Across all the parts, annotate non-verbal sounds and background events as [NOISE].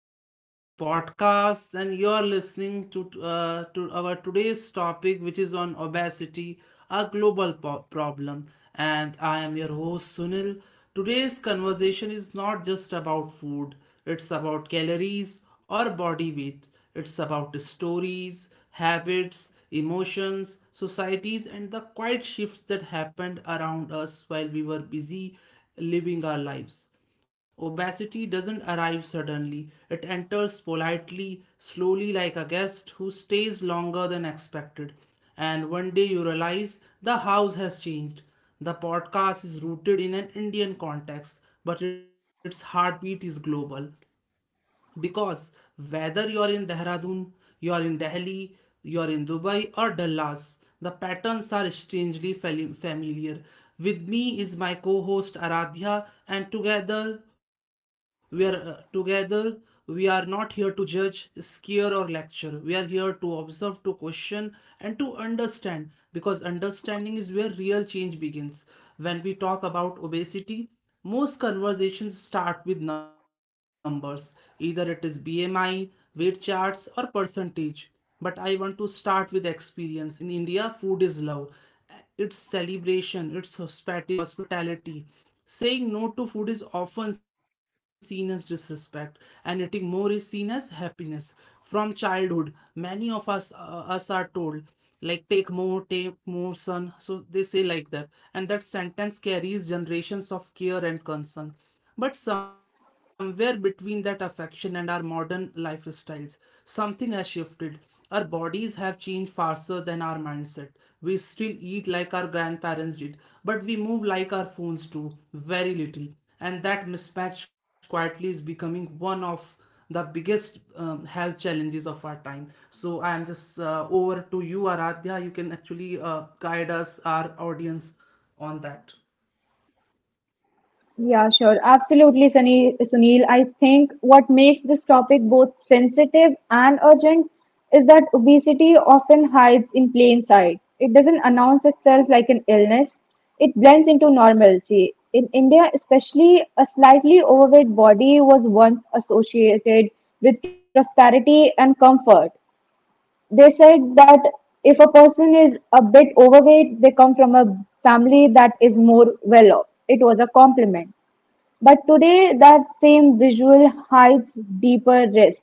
Welcome to this podcast, and you are listening to our today's topic, which is on obesity, a global problem. And I am your host Sunil. Today's conversation is not just about food; it's about calories or body weight. It's about stories, habits, emotions, societies, and the quiet shifts that happened around us while we were busy living our lives. Obesity doesn't arrive suddenly, it enters politely, slowly, like a guest who stays longer than expected. And one day you realize the house has changed. The podcast is rooted in an Indian context, but its heartbeat is global because whether you're in Dehradun, you're in Delhi, you're in Dubai or Dallas, the patterns are strangely familiar. With me is my co-host Aradhya, and together we are not here to judge, scare or lecture. We are here to observe, to question, and to understand because understanding is where real change begins. When we talk about obesity, most conversations start with numbers, either it is BMI, weight charts, or percentage. But I want to start with experience. In India, food is love, it's celebration, it's hospitality. Saying no to food is often seen as disrespect, and eating more is seen as happiness. From childhood, many of us are told like take more son, so they say like that. And that sentence carries generations of care and concern, but somewhere between that affection and our modern lifestyles something has shifted. Our bodies have changed faster than our mindset. We still eat like our grandparents did, but we move like our phones do, very little. And that mismatch quietly is becoming one of the biggest health challenges of our time. So I am just over to you, Aradhya. You can actually guide us, our audience, on that. Yeah, sure. Absolutely, Sunil. Sunil, I think what makes this topic both sensitive and urgent is that obesity often hides in plain sight. It doesn't announce itself like an illness. It blends into normalcy. In India, especially, a slightly overweight body was once associated with prosperity and comfort. They said that if a person is a bit overweight, they come from a family that is more well off. It was a compliment. But today, that same visual hides deeper risks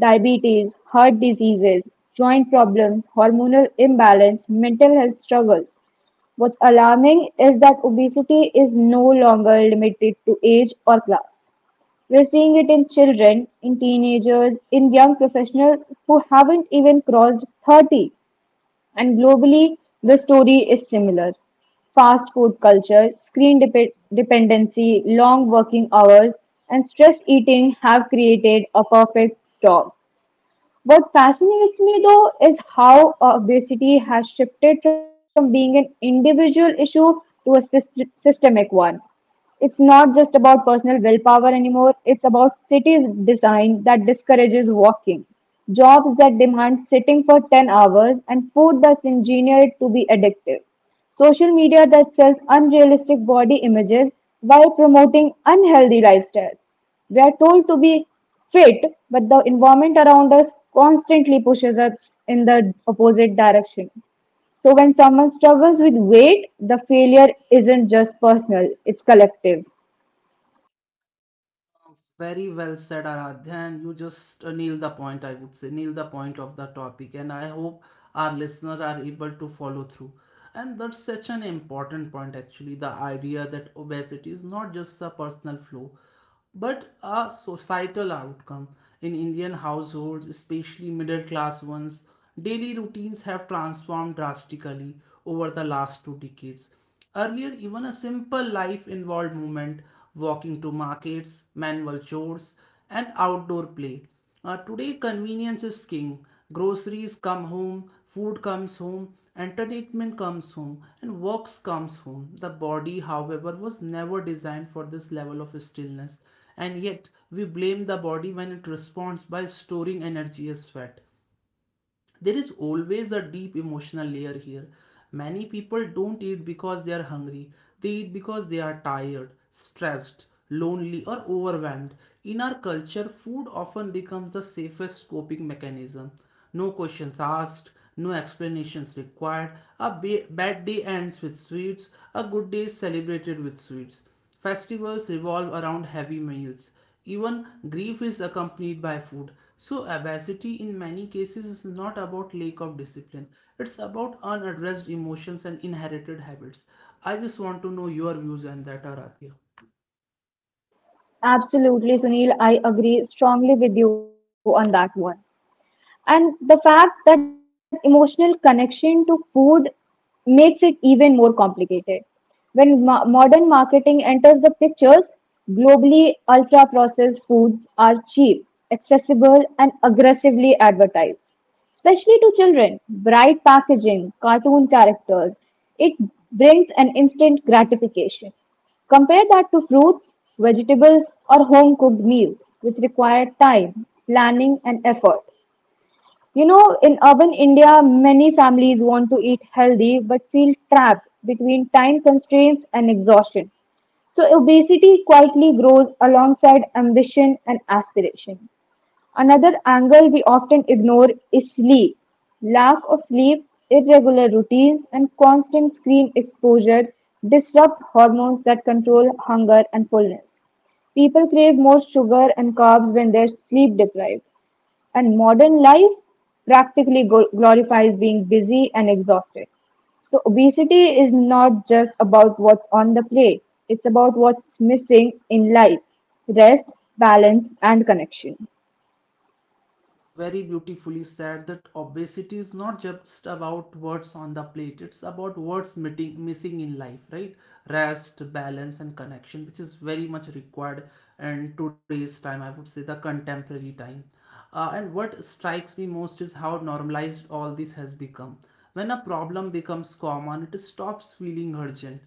diabetes, heart diseases, joint problems, hormonal imbalance, mental health struggles. What's alarming is that obesity is no longer limited to age or class. We're seeing it in children, in teenagers, in young professionals who haven't even crossed 30. And globally, the story is similar. Fast food culture, dependency, long working hours, and stress eating have created a perfect storm. What fascinates me though is how obesity has shifted from being an individual issue to a systemic one. It's not just about personal willpower anymore, it's about cities design that discourages walking, jobs that demand sitting for 10 hours, and food that's engineered to be addictive. Social media that sells unrealistic body images while promoting unhealthy lifestyles. We are told to be fit, but the environment around us constantly pushes us in the opposite direction. So when someone struggles with weight, the failure isn't just personal, it's collective. Very well said, Aradhya, and you just nail the point, I would say, nail the point of the topic, and I hope our listeners are able to follow through. And that's such an important point, actually, the idea that obesity is not just a personal flaw, but a societal outcome. In Indian households, especially middle class ones, daily routines have transformed drastically over the last two decades. Earlier, even a simple life involved movement, walking to markets, manual chores, and outdoor play. Today, convenience is king. Groceries come home, food comes home, entertainment comes home, and works comes home. The body, however, was never designed for this level of stillness, and yet we blame the body when it responds by storing energy as fat. There is always a deep emotional layer here. Many people don't eat because they are hungry, they eat because they are tired, stressed, lonely, or overwhelmed. In our culture, food often becomes the safest coping mechanism. No questions asked, no explanations required. A bad day ends with sweets, a good day is celebrated with sweets. Festivals revolve around heavy meals. Even grief is accompanied by food. So, obesity in many cases is not about lack of discipline, it's about unaddressed emotions and inherited habits. I just want to know your views on that, Aradhya. Absolutely, Sunil, I agree strongly with you on that one, and the fact that emotional connection to food makes it even more complicated when modern marketing enters the pictures. Globally, ultra processed foods are cheap, accessible, and aggressively advertised, especially to children. Bright packaging, cartoon characters, it brings an instant gratification. Compare that to fruits, vegetables, or home cooked meals, which require time, planning, and effort. You know, in urban India, many families want to eat healthy but feel trapped between time constraints and exhaustion. So, obesity quietly grows alongside ambition and aspiration. Another angle we often ignore is sleep. Lack of sleep, irregular routines, and constant screen exposure disrupt hormones that control hunger and fullness. People crave more sugar and carbs when they're sleep deprived. And modern life practically glorifies being busy and exhausted. So, obesity is not just about what's on the plate, it's about what's missing in life rest, balance, and connection. Very beautifully said, that obesity is not just about what's on the plate, it's about missing in life, right? Rest, balance and connection, which is very much required in today's time, I would say, the contemporary time. And what strikes me most is how normalized all this has become. When a problem becomes common, it stops feeling urgent.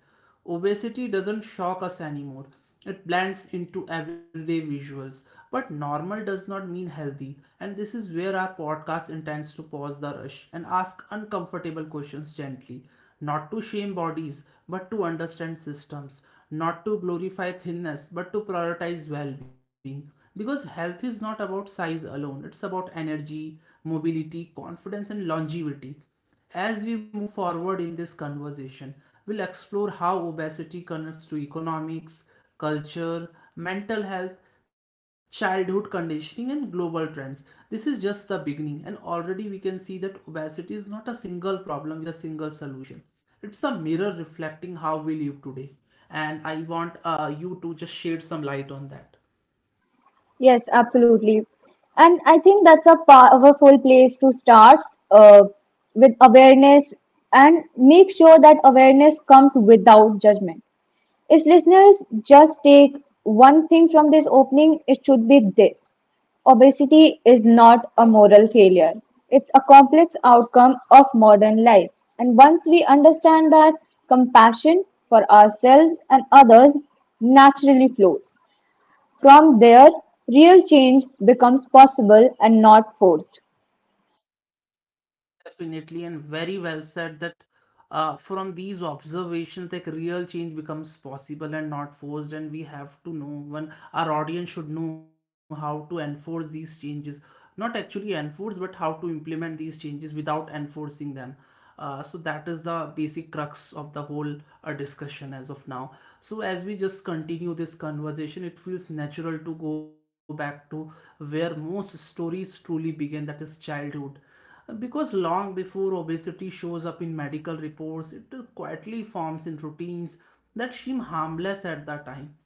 Obesity doesn't shock us anymore. It blends into everyday visuals. But normal does not mean healthy. And this is where our podcast intends to pause the rush and ask uncomfortable questions gently. Not to shame bodies, but to understand systems. Not to glorify thinness, but to prioritize well being. Because health is not about size alone, it's about energy, mobility, confidence, and longevity. As we move forward in this conversation, we'll explore how obesity connects to economics, culture, mental health, childhood conditioning, and global trends. This is just the beginning, and already we can see that obesity is not a single problem with a single solution. It's a mirror reflecting how we live today, and I want you to just shed some light on that. Yes, absolutely. And I think that's a powerful place to start uh, with awareness and make sure that awareness comes without judgment. If listeners just take one thing from this opening, it should be this obesity is not a moral failure. It's a complex outcome of modern life. And once we understand that, compassion for ourselves and others naturally flows. From there, real change becomes possible and not forced. Definitely, and very well said that from these observations, like real change becomes possible and not forced, and we have to know when our audience should know how to enforce these changes, not actually enforce, but how to implement these changes without enforcing them. So that is the basic crux of the whole discussion as of now. So as we just continue this conversation, it feels natural to go back to where most stories truly begin, that is childhood, because long before obesity shows up in medical reports, it quietly forms in routines that seem harmless at the time.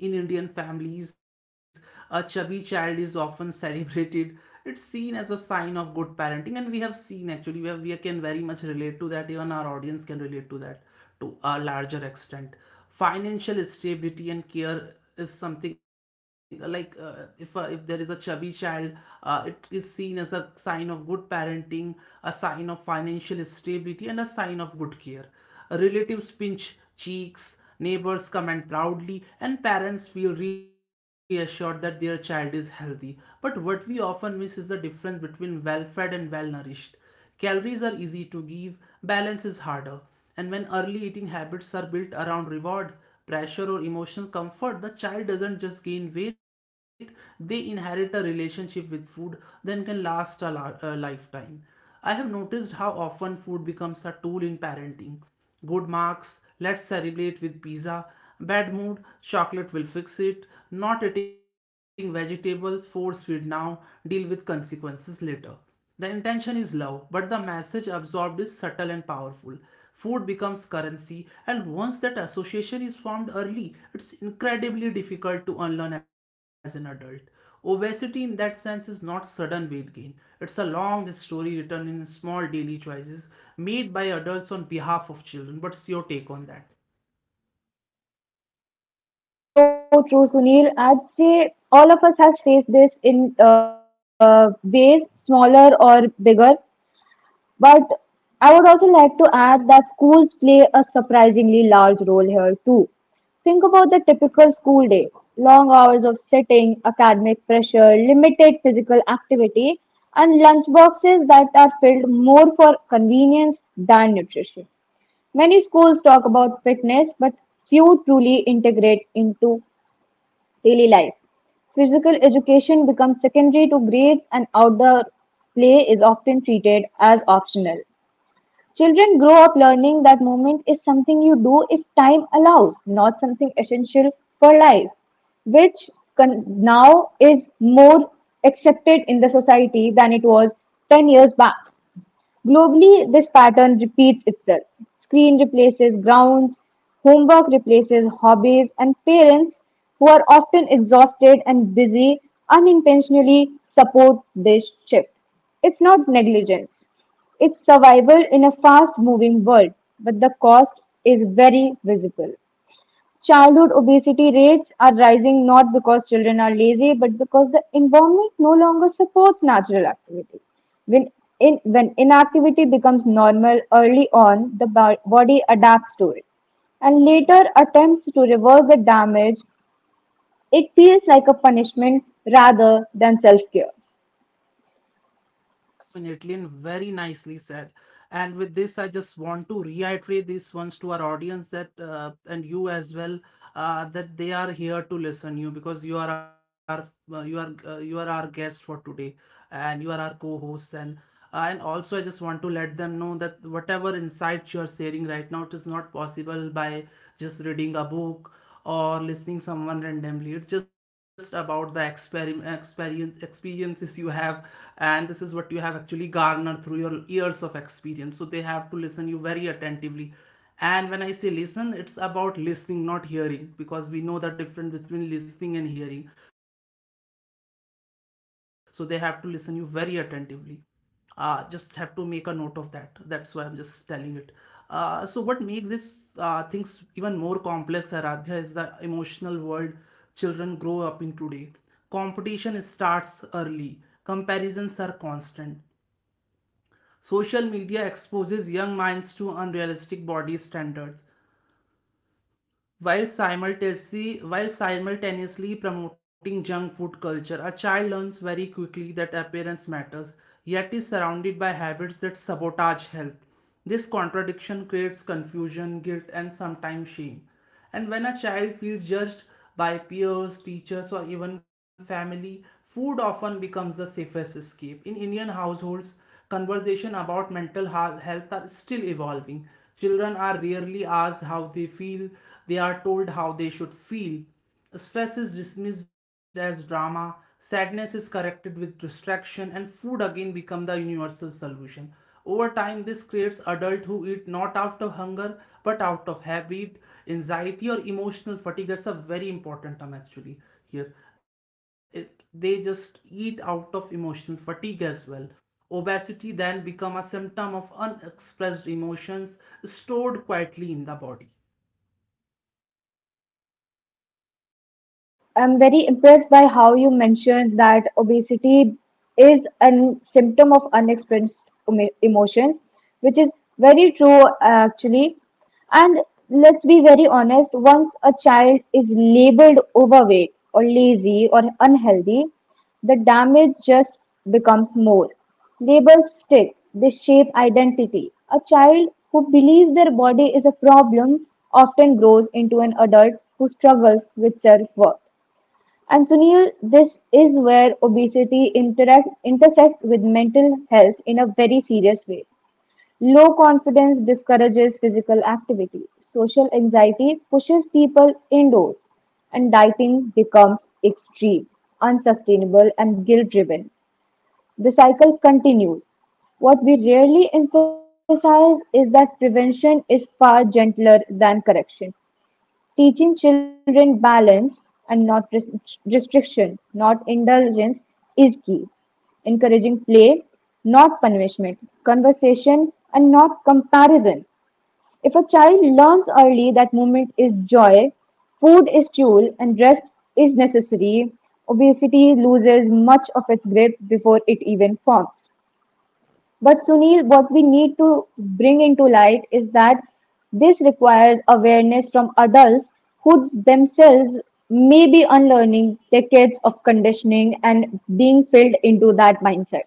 In Indian families, a chubby child is often celebrated. It's seen as a sign of good parenting, and we have seen, actually, we can very much relate to that. Even our audience can relate to that to a larger extent. Financial stability and care is something like if there is a chubby child, it is seen as a sign of good parenting, a sign of financial stability, and a sign of good care. Relatives pinch cheeks, neighbors comment proudly, and parents feel reassured that their child is healthy. But what we often miss is the difference between well fed and well nourished. Calories are easy to give, balance is harder. And when early eating habits are built around reward, pressure, or emotional comfort, the child doesn't just gain weight, they inherit a relationship with food that can last a lifetime. I have noticed how often food becomes a tool in parenting. Good marks, let's celebrate with pizza. Bad mood, chocolate will fix it. Not eating vegetables, force feed now, deal with consequences later. The intention is love, but the message absorbed is subtle and powerful. Food becomes currency, and once that association is formed early, it's incredibly difficult to unlearn as an adult. Obesity, in that sense, is not sudden weight gain. It's a long story written in small daily choices made by adults on behalf of children. What's your take on that? That's so true, Sunil. I'd say all of us has faced this in ways smaller or bigger, but I would also like to add that schools play a surprisingly large role here too. Think about the typical school day long hours of sitting, academic pressure, limited physical activity, and lunch boxes that are filled more for convenience than nutrition. Many schools talk about fitness, but few truly integrate into daily life. Physical education becomes secondary to grades and outdoor play is often treated as optional. Children grow up learning that movement is something you do if time allows, not something essential for life, which now is more accepted in the society than it was 10 years back. Globally, this pattern repeats itself. Screen replaces grounds, homework replaces hobbies, and parents, who are often exhausted and busy, unintentionally support this shift. It's not negligence, it's survival in a fast moving world, but the cost is very visible. Childhood obesity rates are rising not because children are lazy, but because the environment no longer supports natural activity. When, when inactivity becomes normal early on, the body adapts to it and later attempts to reverse the damage. It feels like a punishment rather than self care. Definitely, and very nicely said. And with this, I just want to reiterate these ones to our audience that and you as well, that they are here to listen you because you are our you are our guest for today and you are our co-hosts and and also I just want to let them know that whatever insights you are sharing right now, it is not possible by just reading a book or listening someone randomly. It's just about the experiment experience experiences you have, and this is what you have actually garnered through your years of experience, so they have to listen you very attentively. And when I say listen, it's about listening, not hearing, because we know the difference between listening and hearing. So they have to listen you very attentively. Just have to make a note of that, that's why I'm just telling it. So what makes this things even more complex, Aradhya, is the emotional world children grow up in today. Competition starts early, comparisons are constant, social media exposes young minds to unrealistic body standards. While simultaneously promoting junk food culture, a child learns very quickly that appearance matters, yet is surrounded by habits that sabotage health. This contradiction creates confusion, guilt, and sometimes shame. And when a child feels judged by peers, teachers, or even family, food often becomes the safest escape. In Indian households, conversation about mental health are still evolving. Children are rarely asked how they feel, they are told how they should feel. Stress is dismissed as drama, sadness is corrected with distraction, and food again become the universal solution. Over time, this creates adults who eat not out of hunger but out of habit, anxiety, or emotional fatigue. That's a very important term, actually, here. It, they just eat out of emotional fatigue as well. Obesity then become a symptom of unexpressed emotions stored quietly in the body. I am very impressed by how you mentioned that obesity is a symptom of unexpressed emotions, which is very true actually. And let's be very honest, once a child is labeled overweight or lazy or unhealthy, the damage just becomes more. Labels stick, they shape identity. A child who believes their body is a problem often grows into an adult who struggles with self worth. And Sunil, this is where obesity intersects with mental health in a very serious way. Low confidence discourages physical activity, social anxiety pushes people indoors, and dieting becomes extreme, unsustainable, and guilt driven. The cycle continues. What we rarely emphasize is that prevention is far gentler than correction. Teaching children balance and not restriction, not indulgence, is key. Encouraging play, not punishment, conversation, and not comparison. If a child learns early that movement is joy, food is fuel, and rest is necessary, obesity loses much of its grip before it even forms. But Sunil, what we need to bring into light is that this requires awareness from adults who themselves may be unlearning decades of conditioning and being filled into that mindset.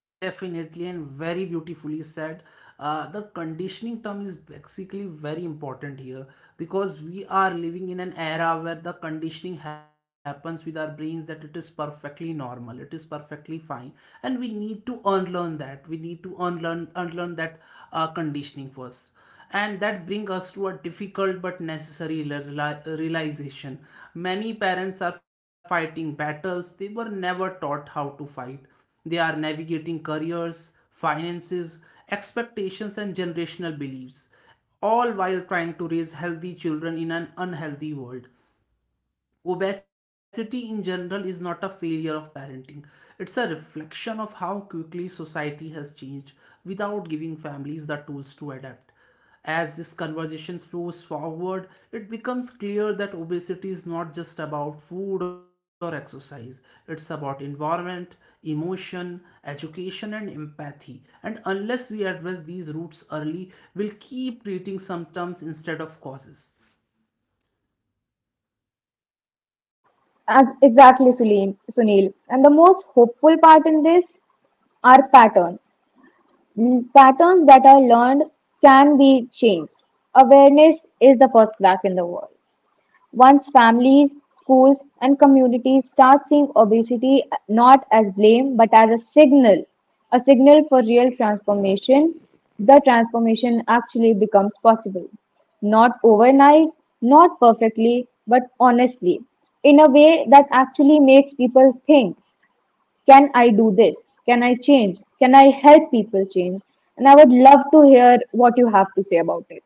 Definitely, and very beautifully said. The conditioning term is basically very important here, because we are living in an era where the conditioning happens with our brains that it is perfectly normal, it is perfectly fine, and we need to unlearn that. We need to unlearn that conditioning first. And that brings us to a difficult but necessary realization. Many parents are fighting battles they were never taught how to fight. They are navigating careers, finances, expectations and generational beliefs, all while trying to raise healthy children in an unhealthy world. Obesity in general is not a failure of parenting. It's a reflection of how quickly society has changed without giving families the tools to adapt. As this conversation flows forward, it becomes clear that obesity is not just about food or exercise. It's about environment, emotion, education, and empathy. And unless we address these roots early, we'll keep treating symptoms instead of causes. Exactly, Sunil. Sunil. And the most hopeful part in this are patterns. Patterns that are learned can be changed. Awareness is the first crack in the wall. Once families, schools, and communities start seeing obesity not as blame but as a signal for real transformation, the transformation actually becomes possible. Not overnight, not perfectly, but honestly, in a way that actually makes people think can I do this? Can I change? Can I help people change? And I would love to hear what you have to say about it.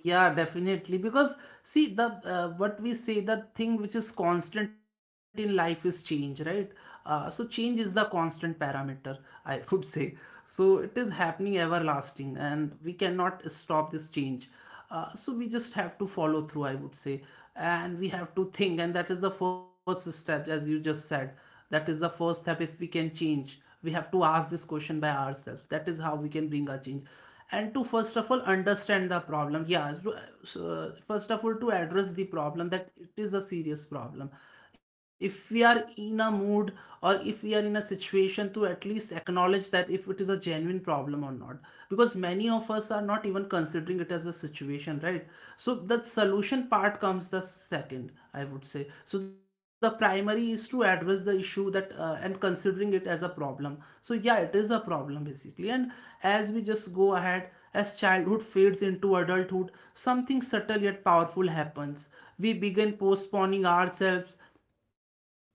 Yeah, definitely. Because see the what we say, the thing which is constant in life is change, right? So change is the constant parameter, [LAUGHS] I would say. So it is happening everlasting, and we cannot stop this change. So we just have to follow through, I would say, and we have to think, and that is the first step, as you just said. That is the first step. If we can change, we have to ask this question by ourselves. That is how we can bring a change and to first of all understand the problem, yeah. So, first of all, to address the problem, that it is a serious problem if we are in a mood or if we are in a situation to at least acknowledge that if it is a genuine problem or not, because many of us are not even considering it as a situation, right? So the solution part comes the second, I would say. So the primary is to address the issue, that and considering it as a problem. So yeah, it is a problem basically. And as we just go ahead, as childhood fades into adulthood, something subtle yet powerful happens. We begin postponing ourselves.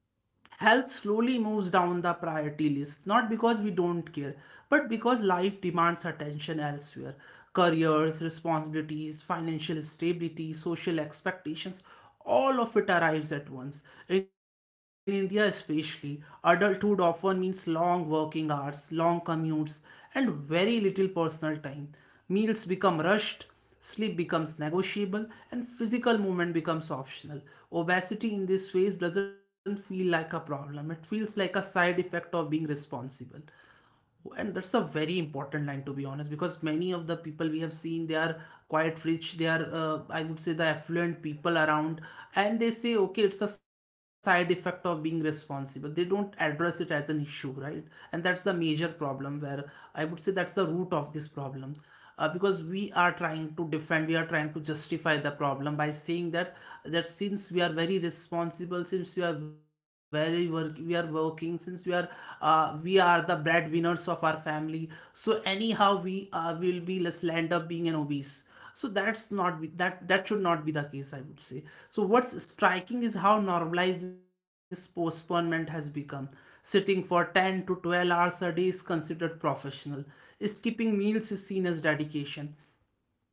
Health slowly moves down the priority list, not because we don't care, but because life demands attention elsewhere. Careers, responsibilities, financial stability, social expectations, all of it arrives at once. In India especially, adulthood often means long working hours, long commutes, and very little personal time. Meals become rushed, sleep becomes negotiable, and physical movement becomes optional. Obesity in this phase doesn't feel like a problem, it feels like a side effect of being responsible. And that's a very important line, to be honest, because many of the people we have seen, they are quite rich. They are, I would say, the affluent people around, and they say, okay, it's a side effect of being responsible. They don't address it as an issue, right? And that's the major problem, where, I would say, that's the root of this problem, because we are trying to defend, we are trying to justify the problem by saying that since we are very responsible, since we are very work, we are working, since we are the breadwinners of our family, so anyhow we will be let's end up being an obese. So that should not be the case, I would say. So what's striking is how normalized this postponement has become. Sitting for 10 to 12 hours a day is considered professional, skipping meals is seen as dedication,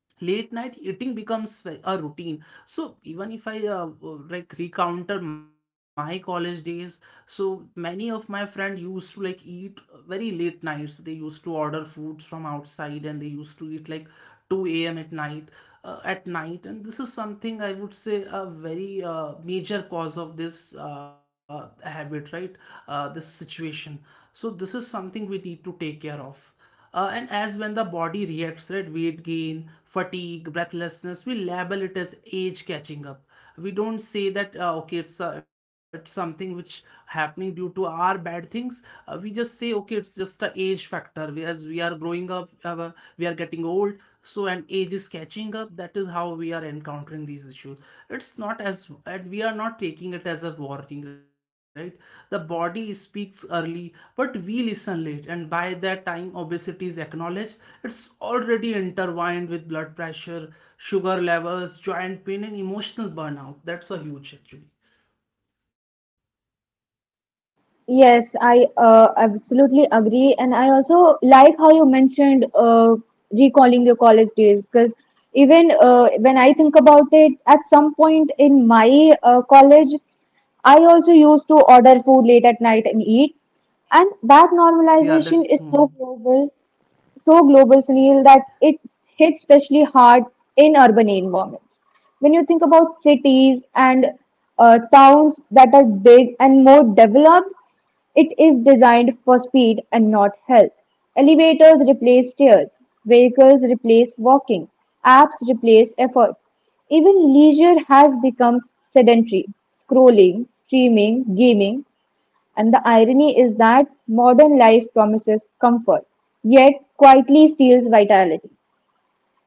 late night eating becomes a routine. So even if I like recounter my college days, so many of my friend used to like eat very late nights. They used to order foods from outside and they used to eat like 2 a.m. at night, and this is something, I would say, a very major cause of this habit, right? This situation, so this is something we need to take care of, and as when the body reacts, right, weight gain, fatigue, breathlessness, we label it as age catching up. We don't say that okay, it's something which happening due to our bad things. We just say, okay, it's just the age factor. We, as we are growing up, we are getting old. So and age is catching up, that is how we are encountering these issues. It's not as and we are not taking it as a warning, right? The body speaks early but we listen late, and by that time obesity is acknowledged, it's already intertwined with blood pressure, sugar levels, joint pain, and emotional burnout. That's a huge, actually. Yes, I absolutely agree, and I also like how you mentioned recalling your college days because even when I think about it, at some point in my college, I also used to order food late at night and eat, and that Yeah, normalization is that's, so mhm. global, Sunil, that it hits especially hard in urban environments. When you think about cities and towns that are big and more developed, it is designed for speed and not health. Elevators replace stairs, vehicles replace walking, apps replace effort. Even leisure has become sedentary. Scrolling, streaming, gaming and the irony is that modern life promises comfort, yet quietly steals vitality.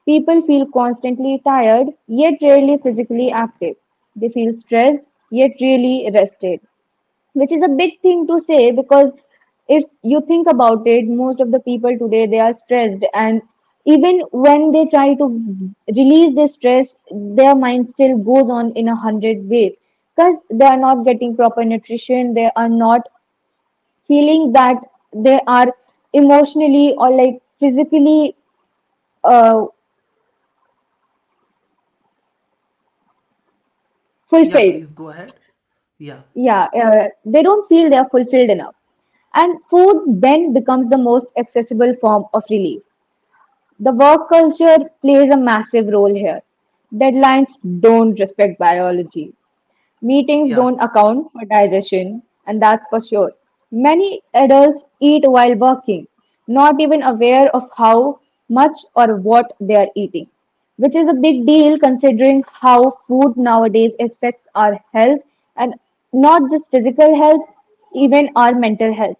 People feel constantly tired, yet rarely physically active. They feel stressed, yet really rested, which is a big thing to say because if you think about it, most of the people today they are stressed, and even when they try to release their stress, their mind still goes on in a hundred ways because they are not getting proper nutrition, they are not feeling that they are emotionally or like physically uh, fulfilled. Yeah, please go ahead. Yeah, Yeah, they don't feel they are fulfilled enough. And food then becomes the most accessible form of relief. The work culture plays a massive role here. Deadlines don't respect biology. Meetings don't yeah. account for digestion, and that's for sure. Many adults eat while working, not even aware of how much or what they are eating, which is a big deal considering how food nowadays affects our health and not just physical health, even our mental health.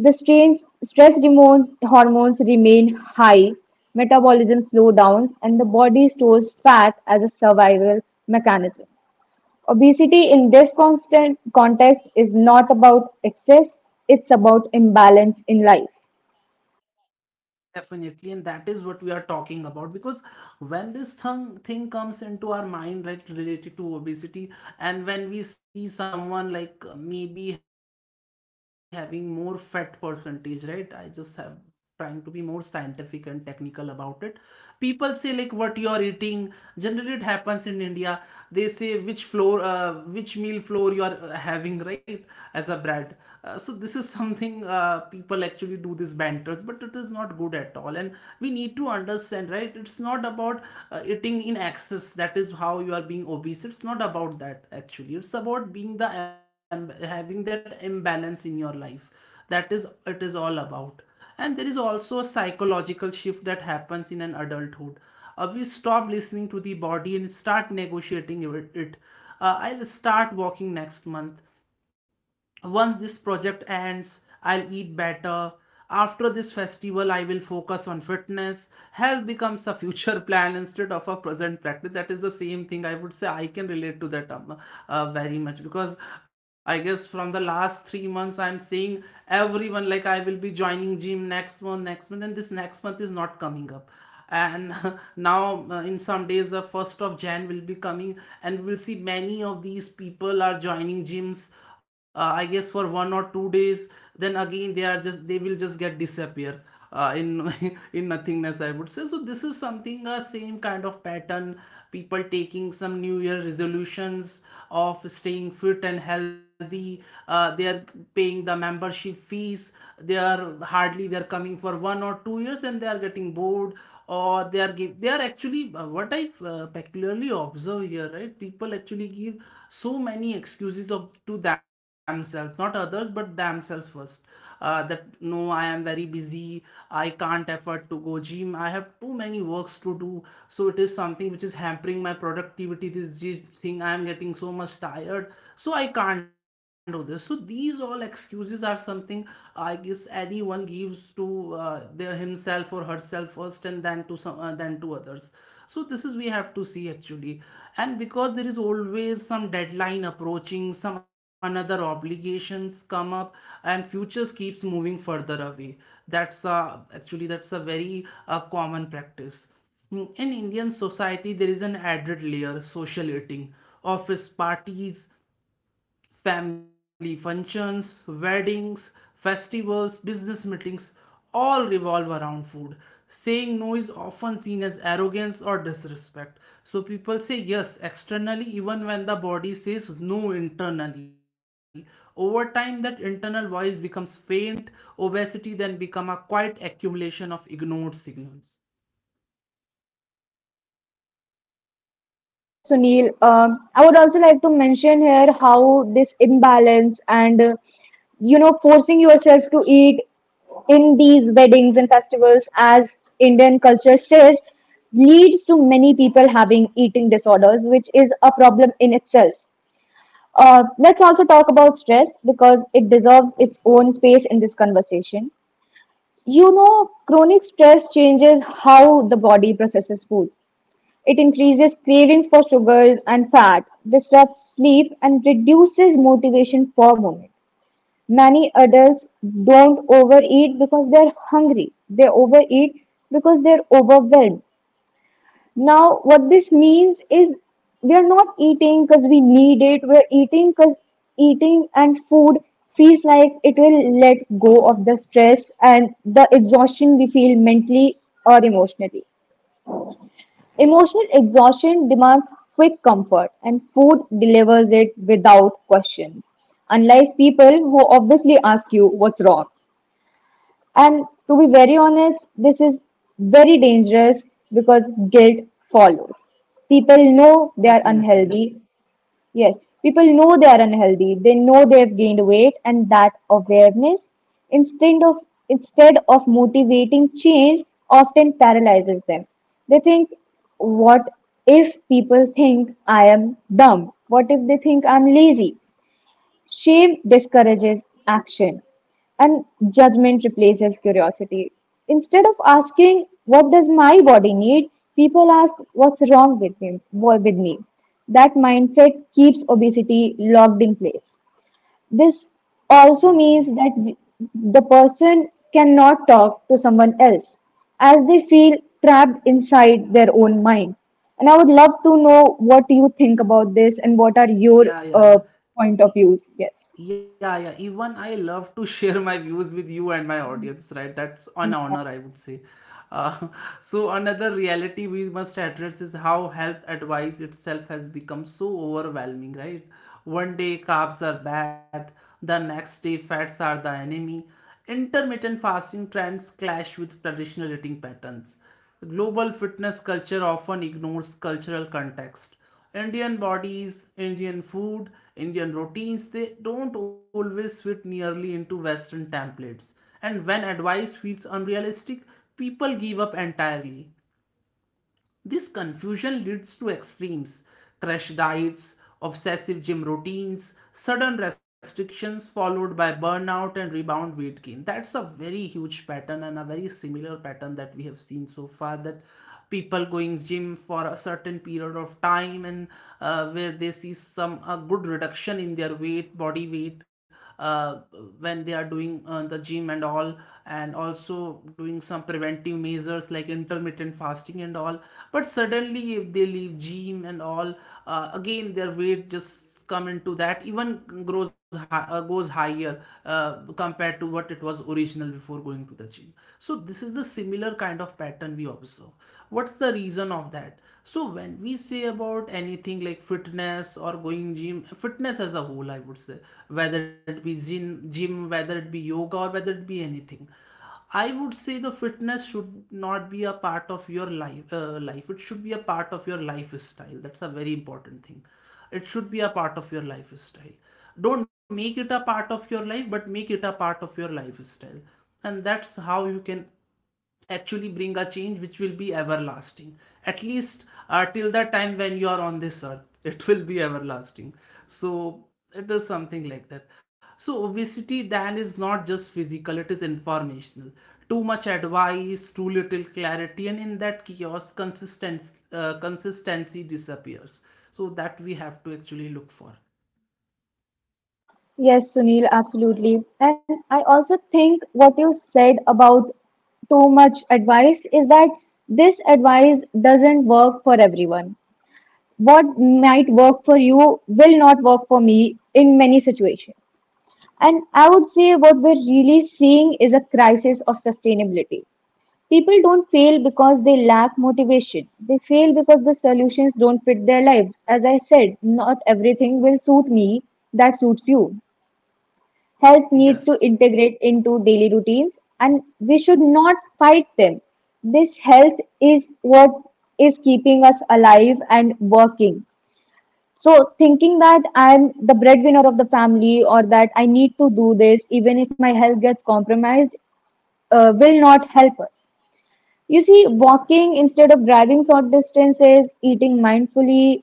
The strains, stress hormones, remain high, metabolism slowdowns, and the body stores fat as a survival mechanism. Obesity in this constant context is not about excess, it's about imbalance in life. Definitely, and that is what we are talking about, because when this thing comes into our mind, right, related to obesity, and when we see someone like maybe having more fat percentage, right? I just have trying to be more scientific and technical about it. People say like what you are eating. Generally, it happens in India. They say which meal floor you are having, right, as a bread. So this is [LAUGHS] something, people actually do this banters, but it is not good at all, and we need to understand, right, it's not about eating in excess, that is how you are being obese. It's not about that actually, it's about being having that imbalance in your life, that is, it is all about. And there is also a psychological shift that happens in an adulthood. We stop listening to the body and start negotiating it. I'll start walking next month. Once this project ends, I'll eat better. After this festival, I will focus on fitness. Health becomes a future [LAUGHS] plan instead of a present practice. That is the same thing. I would say I can relate to that very much, because I guess from the last 3 months, I'm seeing everyone like, I will be joining gym next month, and this next month is not coming up. And [LAUGHS] now, in some days the 1st of January will be coming, and we'll see many of these people are joining gyms, I guess for 1 or 2 days. Then again, they will just get disappear, in [LAUGHS] in nothingness, I would say. So this is something, a same kind of pattern, people taking some new year resolutions of staying fit and healthy. They are paying the membership fees, they are coming for 1 or 2 years, and they are getting bored. Or they are, actually, what I peculiarly observe here, right, people actually give so many excuses of, to themselves, not others but themselves first, that, no, I am very busy, I can't afford to go gym, I have too many works to do, so it is something which is hampering my productivity. This gym thing, I am getting so much tired, so I can't do this, so these all excuses are something, I guess, anyone gives to their himself or herself first, and then to some then to others. So this is, we have to see actually. And because there is always some deadline approaching, some another obligations come up, and futures keeps moving further away. That's a very common practice. In Indian society, there is an added layer, social eating, office parties, family functions, weddings, festivals, business meetings, all revolve around food. Saying no is often seen as arrogance or disrespect. So people say yes externally even when the body says no internally. Over time that internal voice becomes faint, obesity then become a quiet accumulation of ignored signals. Yes, Sunil. Um, I would also like to mention here how this imbalance and forcing yourself to eat in these weddings and festivals as Indian culture says leads to many people having eating disorders, which is a problem in itself. Let's also talk about stress because it deserves its own space in this conversation. You know, chronic stress changes how the body processes food, it increases cravings for sugars and fat, disrupts sleep, and reduces motivation for movement. Many adults don't overeat because they're hungry, they overeat because they're overwhelmed. Now, what this means is we are not eating because we need it. We're eating because eating and food feels like it will let go of the stress and the exhaustion we feel mentally or emotionally. Emotional exhaustion demands quick comfort, and food delivers it without questions. Unlike people who obviously ask you what's wrong. And to be very honest, this is very dangerous because guilt follows. People know they are Definitely. unhealthy. Yes, people know they are unhealthy. They know they have gained weight, and that awareness, instead of instead of motivating change, often paralyzes them. They think, what if people think I am dumb? What if they think I'm lazy? Shame discourages action and judgment replaces curiosity. Instead of asking, What does my body need? People ask, What's wrong with me? With me? That mindset keeps obesity locked in place. This also Definitely. means that the person cannot talk to someone else as they feel trapped inside their own mind. And I would love to know what you think about this and what are your Yeah, yeah, yeah. uh, point of views. Yes. Yeah, yeah. Even I love to share my views with you and my audience, right? That's an honor, Yeah. I would say. Uh, [LAUGHS] so another reality we must address is how health advice itself has become so overwhelming, right? One day carbs are bad, the next day fats are the enemy. Intermittent fasting trends clash with traditional eating patterns. Global fitness culture often ignores cultural context. Indian bodies, Indian food, Indian routines, they don't always fit nearly into Western templates. And when advice feels unrealistic, people give up entirely. This confusion leads to extremes, crash diets, obsessive gym routines, sudden restrictions followed by burnout and rebound weight gain. That's a very huge pattern, and a very similar pattern that we have seen so far, that people going gym for a certain period of time, and, where they see some a good reduction in their weight body weight, uh, when they are doing the gym and all, and also doing some preventive measures like intermittent fasting and all. But suddenly if they leave gym and all, again their weight just come into that, even goes higher, compared to what it was original before going to the gym. So this is the similar kind of pattern we observe. What's the reason of that? So when we say about anything like fitness, or going gym, fitness as a whole, I would say, whether it be gym, whether it be yoga, or whether it be anything, I would say the fitness should not be a part of your life. It should be a part of your lifestyle. That's a very important thing. It should be a part of your lifestyle. Don't make it a part of your life, but make it a part of your lifestyle. And that's how you can actually bring a change which will be everlasting at least till the time when you are on this earth [LAUGHS] it will be everlasting. So it is something like that. So obesity then is not just physical, it is informational. Too much advice, too little clarity, and in that chaos, consistency, consistency disappears. So that we have to actually look for. Yes, Sunil, absolutely. And I also think what you said about too much advice is that this advice doesn't work for everyone. What might work for you will not work for me in many situations. And I would say what we're really seeing is a crisis of sustainability. People don't fail because they lack motivation. They fail because the solutions don't fit their lives. As I said, not everything will suit me that suits you. Health needs Yes. to integrate into daily routines and we should not fight them. This health is what is keeping us alive and working. So, thinking that I'm the breadwinner of the family or that I need to do this even if my health gets compromised will not help us. You see, walking instead of driving short distances, eating mindfully,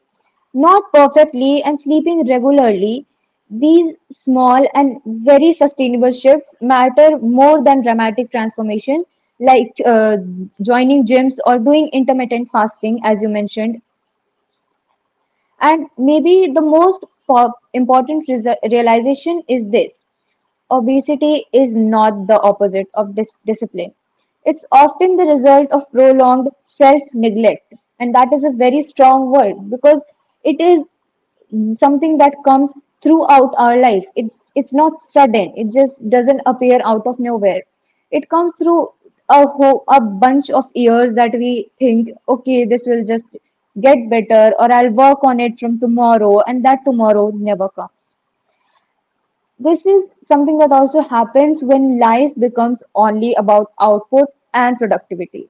not perfectly, and sleeping regularly, these small and very sustainable shifts matter more than dramatic transformations like joining gyms or doing intermittent fasting, as you mentioned. And maybe the most important realization is this. Obesity is not the opposite of discipline. It's often the result of prolonged self neglect. And that is a very strong word because it is something that comes throughout our life. It's not sudden, it just doesn't appear out of nowhere. It comes through a whole, a bunch of years that we think, okay, this will just get better, or I'll work on it from tomorrow, and that tomorrow never comes. This is something that also happens when life becomes only about output and productivity.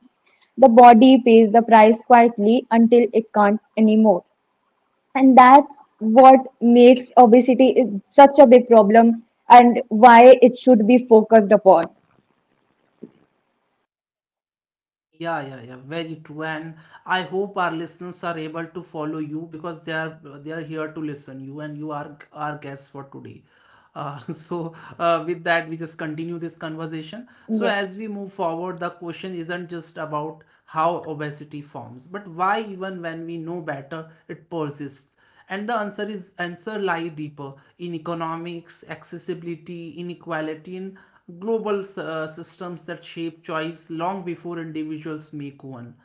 The body pays the price quietly until it can't anymore. And that's what makes obesity is such a big problem and why it should be focused upon. Yeah, yeah, yeah, very true. And I hope our listeners are able to follow you because they are here to listen you, and you are our guests for today. [LAUGHS] So with that, we just continue this conversation. So as we move Yes, forward, the question isn't just about how obesity forms, but why even when we know better, it persists. And the answer is answer lie deeper in economics, accessibility, inequality, in global systems that shape choice long before individuals make one.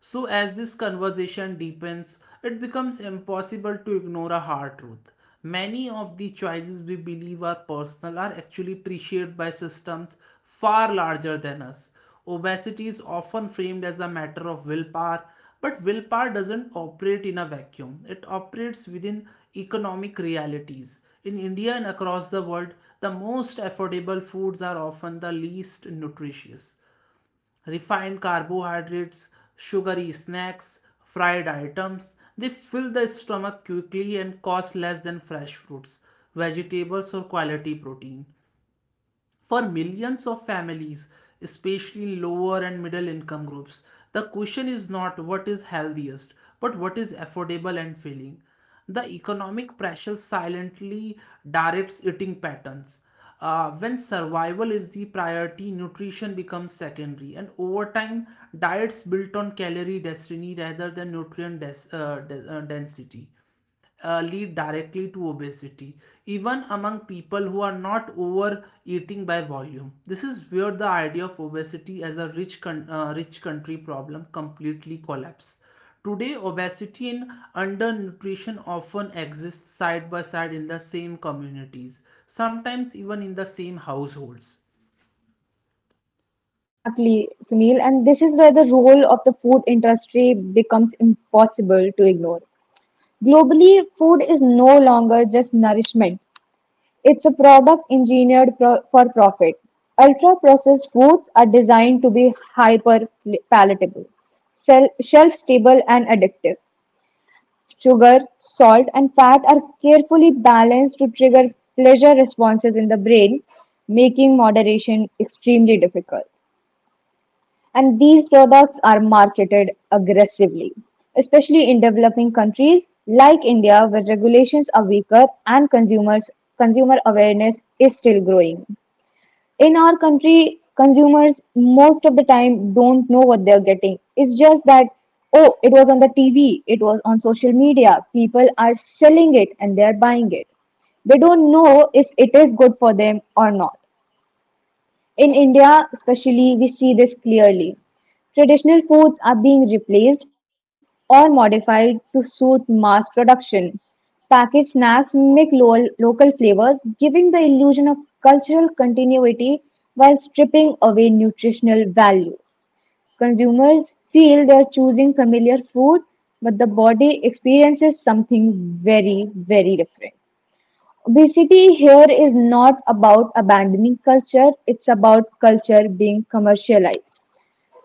So, as this conversation deepens, it becomes impossible to ignore a hard truth. Many of the choices we believe are personal are actually pressured by systems far larger than us. Obesity is often framed as a matter of willpower, but willpower doesn't operate in a vacuum. It operates within economic realities. In India and across the world, the most affordable foods are often the least nutritious. Refined carbohydrates, sugary snacks, fried items, they fill the stomach quickly and cost less than fresh fruits, vegetables, or quality protein. For millions of families, especially lower and middle income groups, the question is not what is healthiest, but what is affordable and filling. The economic pressure silently directs eating patterns. When survival is the priority, nutrition becomes secondary, and over time, diets built on calorie destiny rather than density lead directly to obesity, even among people who are not overeating by volume. This is where the idea of obesity as a rich country problem completely collapses. Today, obesity and undernutrition often exist side by side in the same communities, sometimes even in the same households. exactly, Sunil. And this is where the role of the food industry becomes impossible to ignore. Globally, food is no longer just nourishment. It's a product engineered for profit. Ultra processed foods are designed to be hyper palatable, shelf stable, and addictive. Sugar, salt, and fat are carefully balanced to trigger pleasure responses in the brain, making moderation extremely difficult. And these products are marketed aggressively, especially in developing countries like India, where regulations are weaker and consumer awareness is still growing. In our country, consumers most of the time don't know what they're getting. It's just that, oh, it was on the TV, it was on social media, people are selling it and they're buying it. They don't know if it is good for them or not. In India, especially, we see this clearly. Traditional foods are being replaced or modified to suit mass production. Packaged snacks mimic local flavors, giving the illusion of cultural continuity while stripping away nutritional value. Consumers feel they are choosing familiar food, but the body experiences something very, very different. Obesity here is not about abandoning culture, it's about culture being commercialized.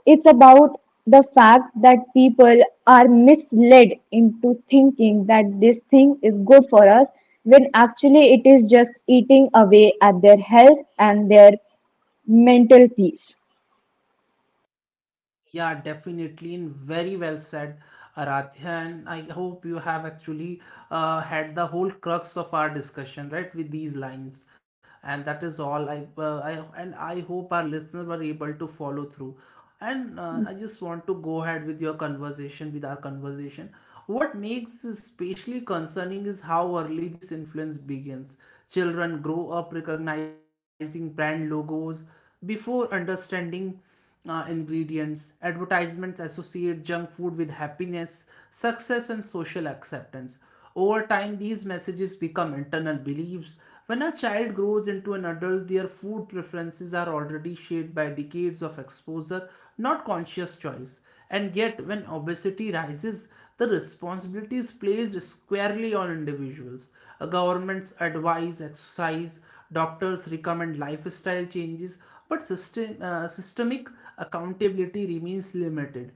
It's about the fact that people are misled into thinking that this thing is good for us when actually it is just eating away at their health and their mental peace. Yeah, definitely, and very well said, Aradhya. And I hope you have actually had the whole crux of our discussion, right, with these lines. And that is all. I and I hope our listeners were able to follow through. And I just want to go ahead with your conversation, with our conversation. What makes this especially concerning is how early this influence begins. Children grow up recognizing brand logos before understanding ingredients. Advertisements associate junk food with happiness, success, and social acceptance. Over time, these messages become internal beliefs. When a child grows into an adult, their food preferences are already shaped by decades of exposure, not conscious choice. And yet, when obesity rises, the responsibility is placed squarely on individuals. A government's advice, exercise, doctors recommend lifestyle changes, but systemic accountability remains limited.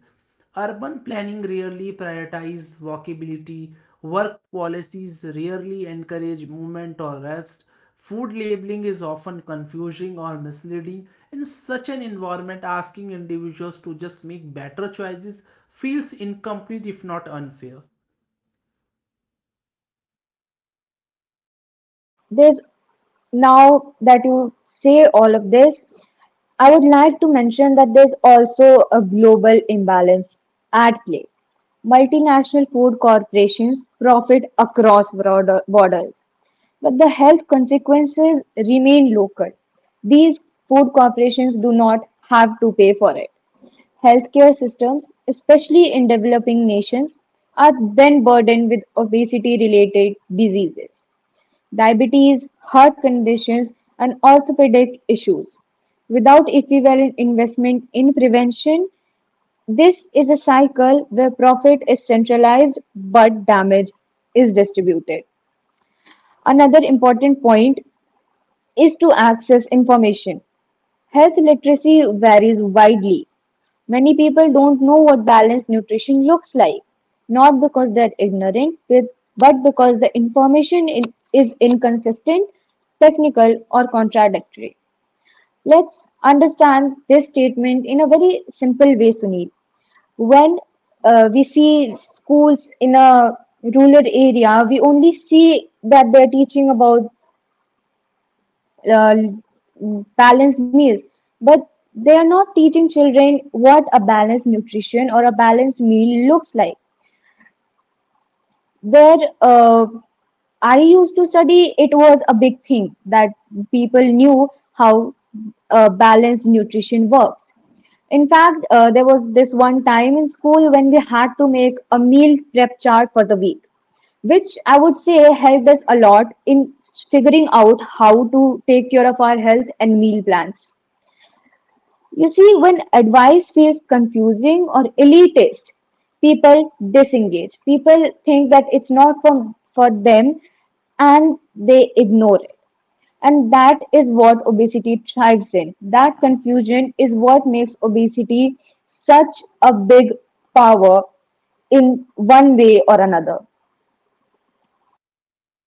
Urban planning rarely prioritizes walkability, work policies rarely encourage movement or rest, food labeling is often confusing or misleading. In such an environment, asking individuals to just make better choices feels incomplete if not unfair. There's, now that you say all of this, I would like to mention that there's also a global imbalance at play. Multinational food corporations profit across broader borders, but the health consequences remain local. These food corporations do not have to pay for it. Healthcare systems, especially in developing nations, are then burdened with obesity related diseases, diabetes, heart conditions, and orthopedic issues. Without equivalent investment in prevention, this is a cycle where profit is centralized but damage is distributed. Another important point is to access information. Health literacy varies widely. Many people don't know what balanced nutrition looks like, not because they're ignorant, but because the information is inconsistent, technical, or contradictory. Let's understand this statement in a very simple way, Sunil. When we see schools in a rural area, we only see that they're teaching about uh, balanced meals, but they are not teaching children what a balanced nutrition or a balanced meal looks like. Where uh, I used to study, it was a big thing that people knew how balanced nutrition works. In fact, there was this one time in school when we had to make a meal prep chart for the week, which I would say helped us a lot in figuring out how to take care of our health and meal plans. You see, when advice feels confusing or elitist, people disengage. People think that it's not for them and they ignore it. And that is what obesity thrives in. That confusion is what makes obesity such a big power in one way or another.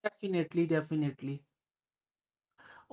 Definitely, definitely.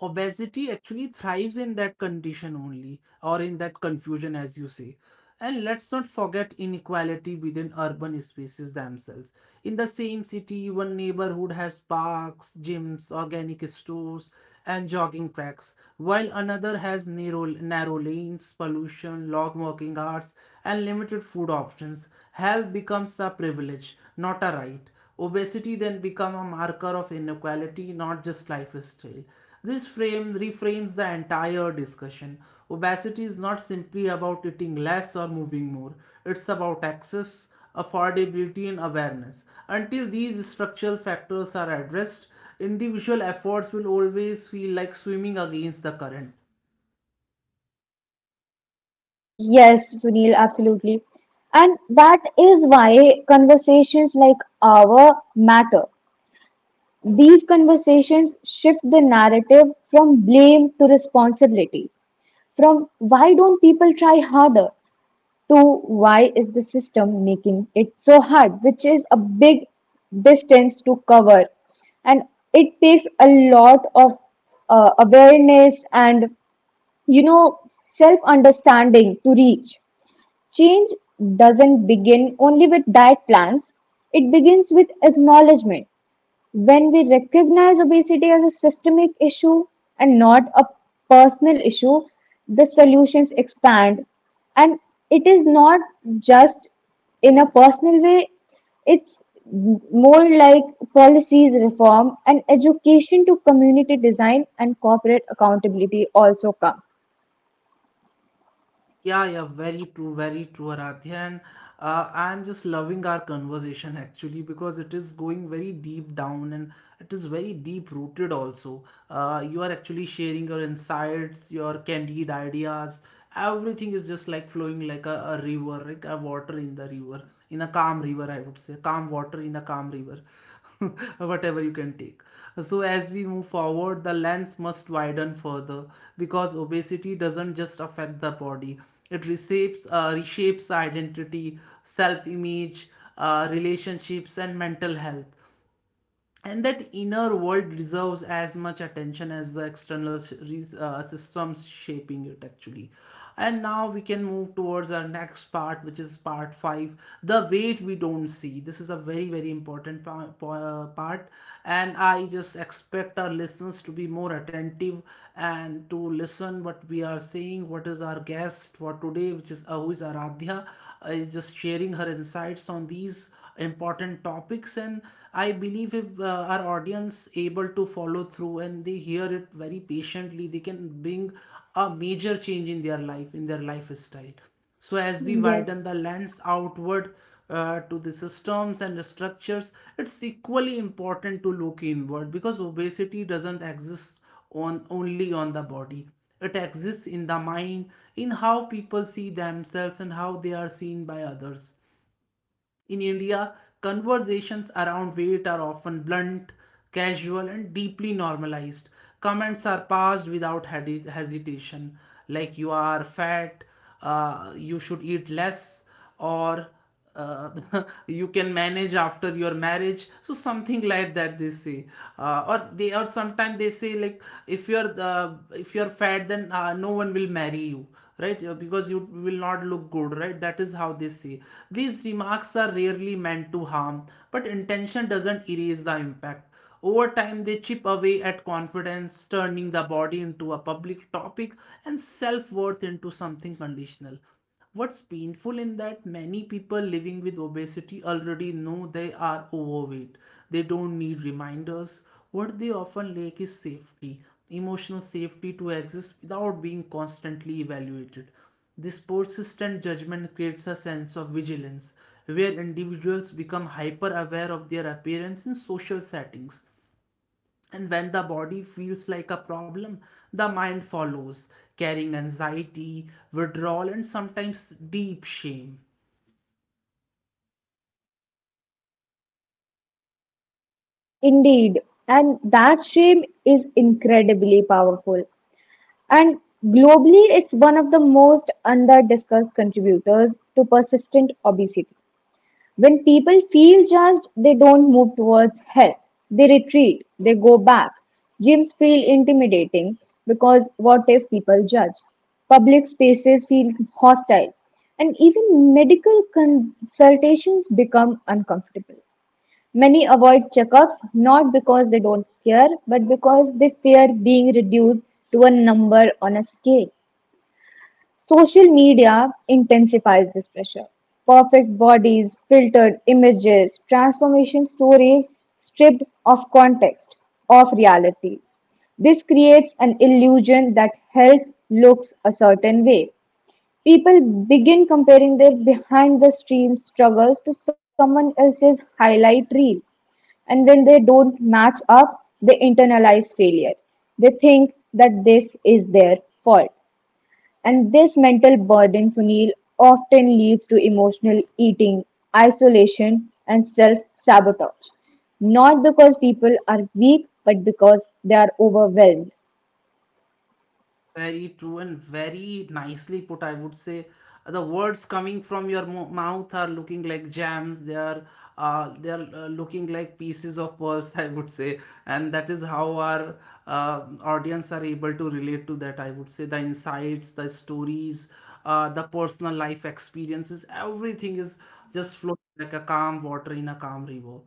Obesity actually thrives in that condition only, or in that confusion as you say. And let's not forget inequality within urban spaces themselves. In the same city, one neighborhood has parks, gyms, organic stores, and jogging tracks, while another has narrow lanes, pollution, long walking hours, and limited food options. Health becomes a privilege, not a right. Obesity then become a marker of inequality, not just lifestyle. This frame reframes the entire discussion. Obesity is not simply about eating less or moving more. It's about access, affordability and awareness. Until these structural factors are addressed, individual efforts will always feel like swimming against the current. Yes, Sunil, absolutely. And that is why conversations like our matter. These conversations shift the narrative from blame to responsibility, from why don't people try harder to why is the system making it so hard, which is a big distance to cover. And it takes a lot of awareness and, you know, self understanding to reach. Change doesn't begin only with diet plans, it begins with acknowledgement when we recognize obesity as a systemic issue and not a personal issue, the solutions expand. And it is not just in a personal way, it's more like policies reform and education to community design and corporate accountability also come. Yeah, yeah, very true, Aradhya. And I'm just loving our conversation actually because it is going very deep down and it is very deep rooted also. You are actually sharing your insights, your candid ideas. Everything is just like flowing like a river, like a water in the river, in a calm river, I would say. Calm water in a calm river. [LAUGHS] Whatever you can take. So, as we move forward, the lens must widen further because obesity doesn't just affect the body, it reshapes reshapes identity, self image, relationships and mental health, and that inner world deserves as much attention as the external systems shaping it actually. And now we can move towards our next part, which is part 5, the weight we don't see. This is a very very important part, and I just expect our listeners to be more attentive and to listen what we are saying, what is our guest for today, which is who is Aradhya. Is just sharing her insights on these important topics, and I believe if our audience able to follow through and they hear it very patiently, they can bring a major change in their life, in their lifestyle. So as we Yes. widen the lens outward to the systems and the structures, it's equally important to look inward because obesity doesn't exist on only on the body, it exists in the mind, in how people see themselves and how they are seen by others. In India, conversations around weight are often blunt, casual, and deeply normalized. Comments are passed without hesitation, like you are fat, you should eat less, or uh, [LAUGHS] you can manage after your marriage, so something like that they say. Or sometimes they say like if you're the if you're fat, then no one will marry you, right? Because you will not look good, right? That is how they say. These remarks are rarely meant to harm, but intention doesn't erase the impact. Over time, they chip away at confidence, turning the body into a public topic and self worth into something conditional. What's painful in that many people living with obesity already know they are overweight. They don't need reminders. What they often lack is safety, emotional safety to exist without being constantly evaluated. This persistent judgment creates a sense of vigilance, where individuals become hyper aware of their appearance in social settings. And when the body feels like a problem, the mind follows, carrying anxiety, withdrawal, and sometimes deep shame. Indeed, and that shame is incredibly powerful. And globally, it's one of the most under discussed contributors to persistent obesity. When people feel judged, they don't move towards health. They retreat, they go back. Gyms feel intimidating because what if people judge? Public spaces feel hostile, and even medical consultations become uncomfortable. Many avoid checkups not because they don't care, but because they fear being reduced to a number on a scale. Social media intensifies this pressure. Perfect bodies, filtered images, transformation stories stripped of context, of reality. This creates an illusion that health looks a certain way. People begin comparing their behind the scenes struggles to someone else's highlight reel. And when they don't match up, they internalize failure. They think that this is their fault. And this mental burden, Sunil, often leads to emotional eating, isolation, and self sabotage. Not because people are weak, but because they are overwhelmed. Very true and very nicely put, I would say. The words coming from your mouth are looking like gems. They are looking like pieces of pearls, [LAUGHS] I would say. And that is how our audience are able to relate to that. I would say the insights, the stories, the personal life experiences, everything is just flowing like a calm water in a calm river.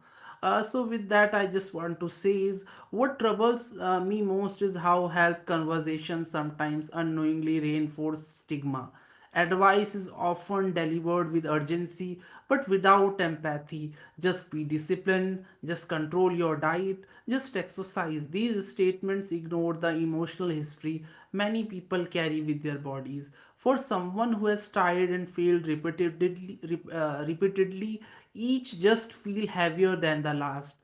So with that, I just want to say is what troubles me most is how health conversations sometimes unknowingly reinforce stigma. Advice is often delivered with urgency but without empathy. Just be disciplined, just control your diet, just exercise. These statements ignore the emotional history many people carry with their bodies. For someone who has tried and failed repeatedly, repeatedly, each just feel heavier than the last.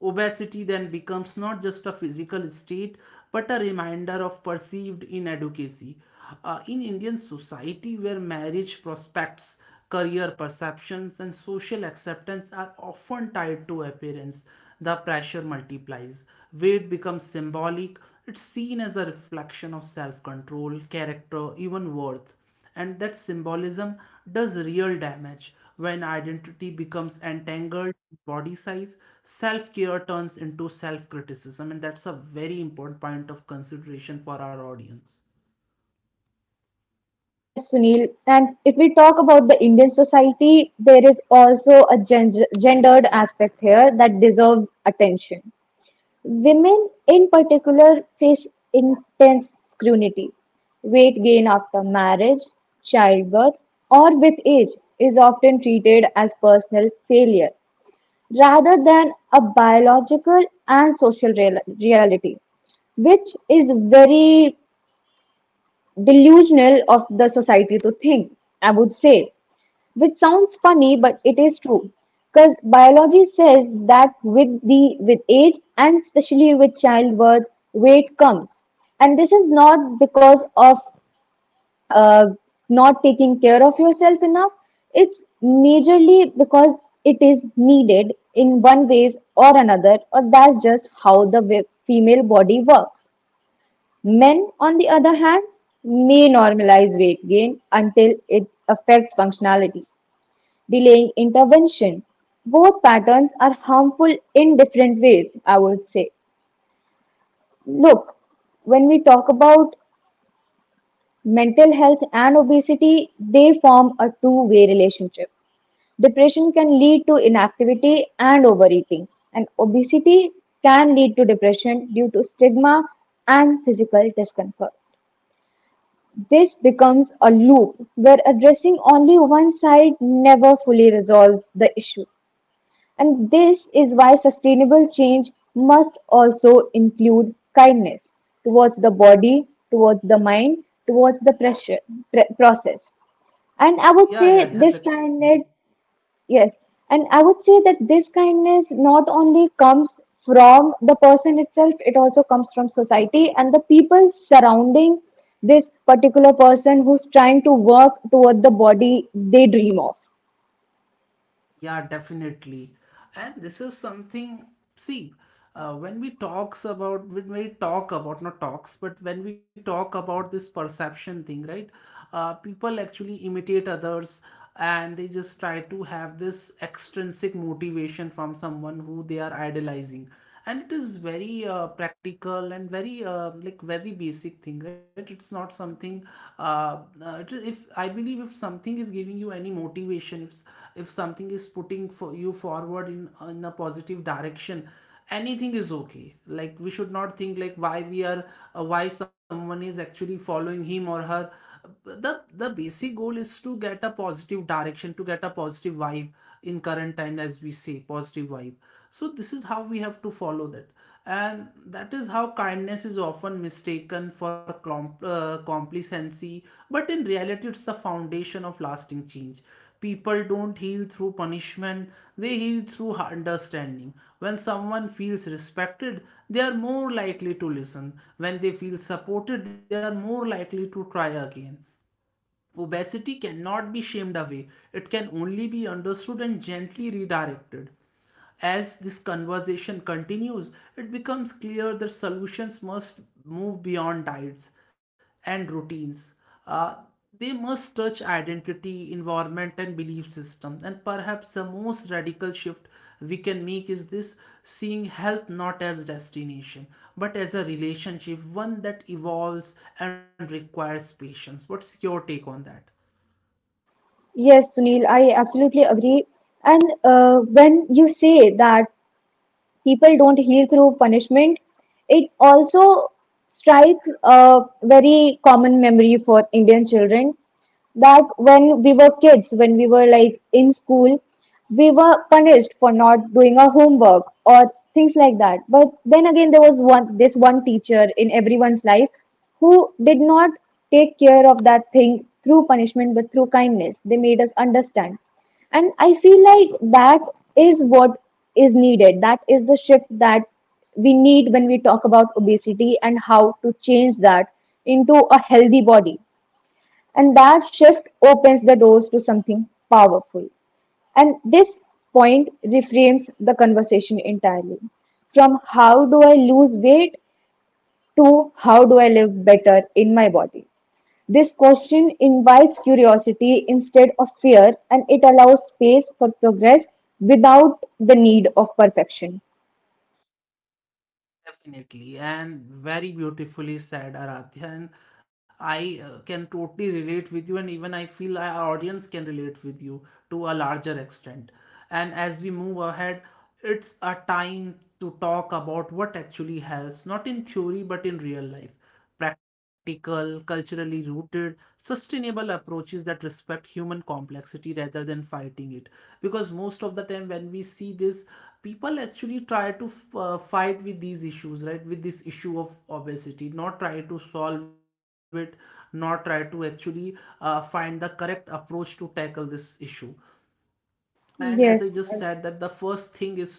Obesity then becomes not just a physical state but a reminder of perceived inadequacy. In Indian society, where marriage prospects, career perceptions, and social acceptance are often tied to appearance, the pressure multiplies. Weight becomes symbolic, it's seen as a reflection of self control, character, even worth, and that symbolism does real damage. When identity becomes entangled with body size, self-care turns into self-criticism, and that's a very important point of consideration for our audience. Yes, Sunil. And if we talk about the Indian society, there is also a gendered aspect here that deserves attention. Women, in particular, face intense scrutiny. Weight gain after marriage, childbirth, or with age is often treated as personal failure rather than a biological and social reality, which is very delusional of the society to think, I would say, which sounds funny, but it is true. Because biology says that with age and especially with childbirth, weight comes, and this is not because of uh, not taking care of yourself enough. It's majorly because it is needed in one ways or another, or that's just how the female body works. Men, on the other hand, may normalize weight gain until it affects functionality, delaying intervention. Both patterns are harmful in different ways, I would say. Look, when we talk about mental health and obesity, they form a two-way relationship. Depression can lead to inactivity and overeating, and obesity can lead to depression due to stigma and physical discomfort. This becomes a loop where addressing only one side never fully resolves the issue. And this is why sustainable change must also include kindness towards the body, towards the mind, towards the pressure, process. And I would Yeah, yeah, say yeah, this that. Hmm. kindness. Yes, and I would say that this kindness not only comes from the person itself, it also comes from society and the people surrounding this particular person who's trying to work toward the body they dream of. Yeah, definitely. And this is something, see, when we talk about, not talks, but when we talk about this perception thing, right? People actually imitate others and they just try to have this extrinsic motivation from someone who they are idolizing, and it is very practical and very like very basic thing, right? It's not something it is, if I believe if something is giving you any motivation, if something is putting for you forward in a positive direction, anything is okay. Like we should not think like why we are why someone is actually following him or her. the the basic goal is to get a positive direction, to get a positive vibe. In current time, as we say positive vibe, so this is how we have to follow that. And that is how kindness is often mistaken for complacency, but in reality it's the foundation of lasting change. People don't heal through punishment, they heal through understanding. When someone feels respected, they are more likely to listen. When they feel supported, they are more likely to try again. Obesity cannot be shamed away, it can only be understood and gently redirected. As this conversation continues, it becomes clear that solutions must move beyond diets and routines. Uh, they must touch identity, environment, and belief system. And perhaps the most radical shift we can make is this: seeing health not as destination, but as a relationship, one that evolves and requires patience. What's your take on that? Yes, Sunil, I absolutely agree. And when you say that people don't heal through punishment, it also strikes a very common memory for Indian children that when we were kids, when we were like in school, we were punished for not doing our homework or things like that. But then again, there was one, this one teacher in everyone's life who did not take care of that thing through punishment but through kindness. They made us understand. And I feel like that is what is needed. That is the shift that we need when we talk about obesity and how to change that into a healthy body, and that shift opens the doors to something powerful. And this point reframes the conversation entirely from how do I lose weight to how do I live better in my body. This question invites curiosity instead of fear and it allows space for progress without the need of perfection. Definitely, and very beautifully said, Aradhya. And I can totally relate with you, and even I feel our audience can relate with you to a larger extent. And as we move ahead, it's a time to talk about what actually helps, not in theory, but in real life: practical, culturally rooted, sustainable approaches that respect human complexity rather than fighting it. Because most of the time, when we see this, people actually try to fight with these issues, right? With this issue of obesity, not try to solve it, not try to actually find the correct approach to tackle this issue. And as I just Yes, said, that the first thing is to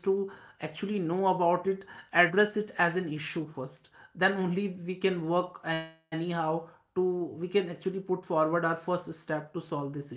actually know about it, address it as an issue first, then only we can work anyhow to, we can actually put forward our first step to solve this issue.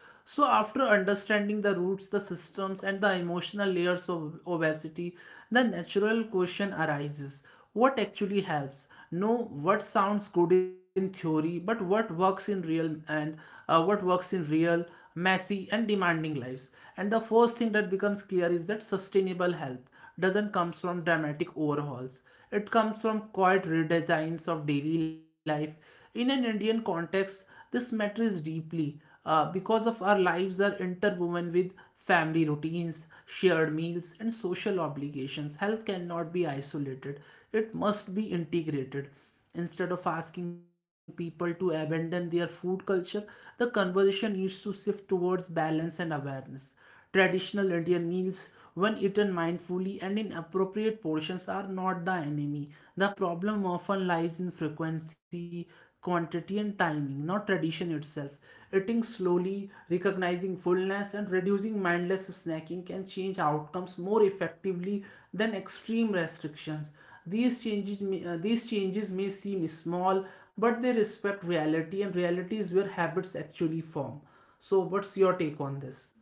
So after understanding the roots, the systems, and the emotional layers of obesity, the natural question arises: what actually helps, know, what sounds good in theory but what works in real, and what works in real, messy and demanding lives. And the first thing that becomes clear is that sustainable health doesn't come from dramatic overhauls, it comes from quiet redesigns of daily life. In an Indian context, this matters deeply because of our lives are interwoven with family routines, shared meals, and social obligations. Health cannot be isolated; it must be integrated. Instead of asking people to abandon their food culture, the conversation needs to shift towards balance and awareness. Traditional Indian meals, when eaten mindfully and in appropriate portions, are not the enemy. The problem often lies in frequency, quantity, and timing, not tradition itself. Eating slowly, recognizing fullness, and reducing mindless snacking can change outcomes more effectively than extreme restrictions. These changes may seem small, but they respect reality, and reality is where habits actually form. So, what's your take on this?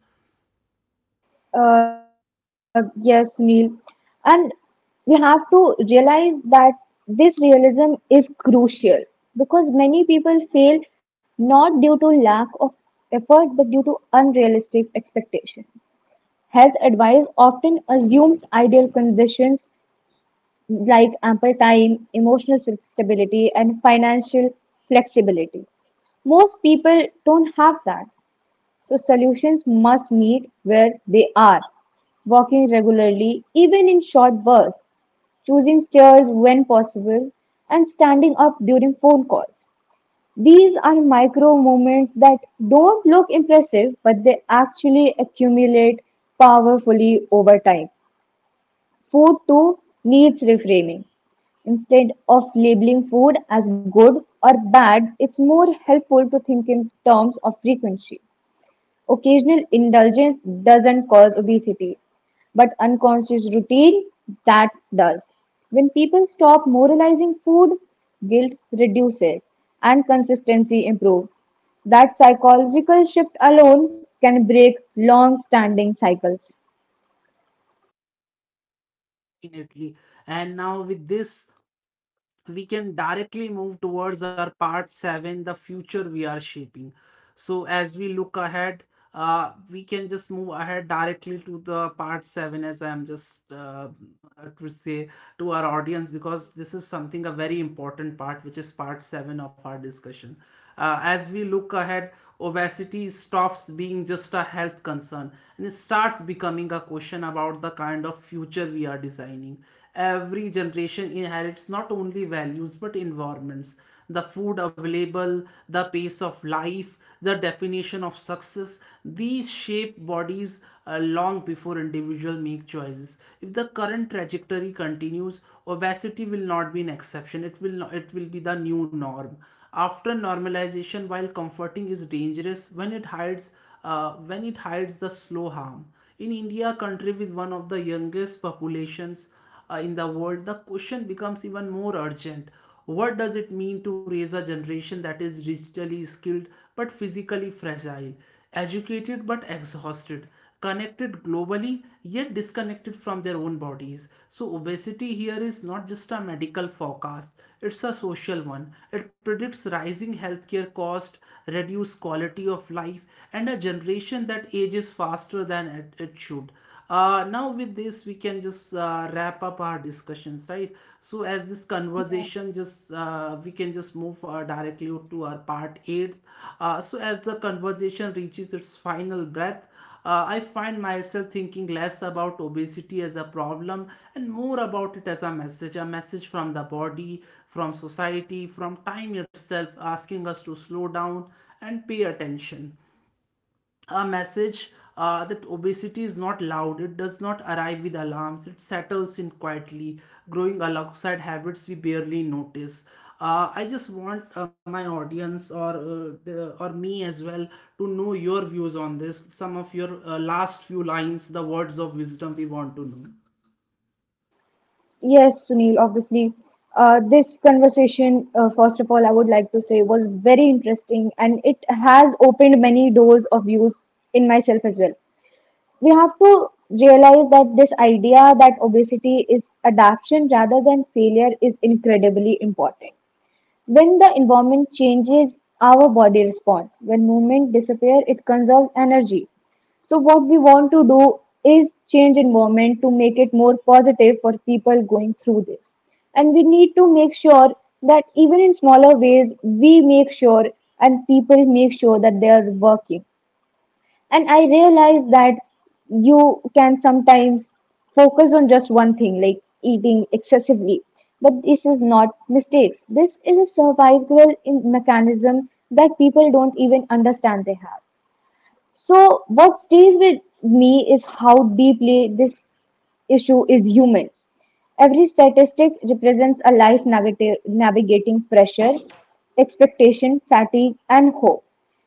Yes, Neil. And we have to realize that this realism is crucial because many people fail not due to lack of effort but due to unrealistic expectations. Health advice often assumes ideal conditions like ample time, emotional stability, and financial flexibility. Most people don't have that. So solutions must meet where they are. Walking regularly, even in short bursts, choosing stairs when possible, and standing up during phone calls. These are micro movements that don't look impressive, but they actually accumulate powerfully over time. Food too needs reframing. Instead of labeling food as good or bad, it's more helpful to think in terms of frequency. Occasional indulgence doesn't cause obesity, but unconscious routine that does. When people stop moralizing food, guilt reduces and consistency improves. That psychological shift alone can break long standing cycles. Definitely. And now with this, we can directly move towards our part seven, the future we are shaping. So as we look ahead, we can just move ahead directly to the part seven, as I'm just to say to our audience, Yes, because this is something a very important part, which is part seven of our discussion. As we look ahead, obesity stops being just a health concern and it starts becoming a question about the kind of future we are designing. Every generation inherits not only values but environments: the food available, the pace of life, the definition of success. These shape bodies long before individuals make choices. If the current trajectory continues, obesity will not be an exception. It will not, it will be the new norm after normalization, while comforting, is dangerous when it hides the slow harm. In India, a country with one of the youngest populations in the world, the question becomes even more urgent. What does it mean to raise a generation that is digitally skilled but physically fragile, educated but exhausted, connected globally yet disconnected from their own bodies? So, obesity here is not just a medical forecast, it's a social one. It predicts rising healthcare cost, reduced quality of life, and a generation that ages faster than it should. Now with this we can just wrap up our discussions, right? So as this conversation just we can just move directly to our part 8. So as the conversation reaches its final breath, I find myself thinking less about obesity as a problem and more about it as a message, a message from the body, from society, from time itself, asking us to slow down and pay attention. A message that obesity is not loud, it does not arrive with alarms, it settles in quietly, growing alongside habits we barely notice. I just want my audience or or me as well to know your views on this. Some of your last few lines, the words of wisdom, we want to know. yes, Sunil, obviously. This conversation, first of all, I would like to say was very interesting and it has opened many doors of views in myself as well. We have to realize that this idea that obesity is adaptation rather than failure is incredibly important. When the environment changes, our body responds. When movement disappears, it conserves energy. So what we want to do is change environment to make it more positive for people going through this. And we need to make sure that even in smaller ways, we make sure and people make sure that they are working. And I realized that you can sometimes focus on just one thing like eating excessively, but this is not mistakes, this is a survival in mechanism that people don't even understand they have. So, what stays with me is how deeply this issue is human. Every statistic represents a life navigating pressure, expectation, fatigue, and hope.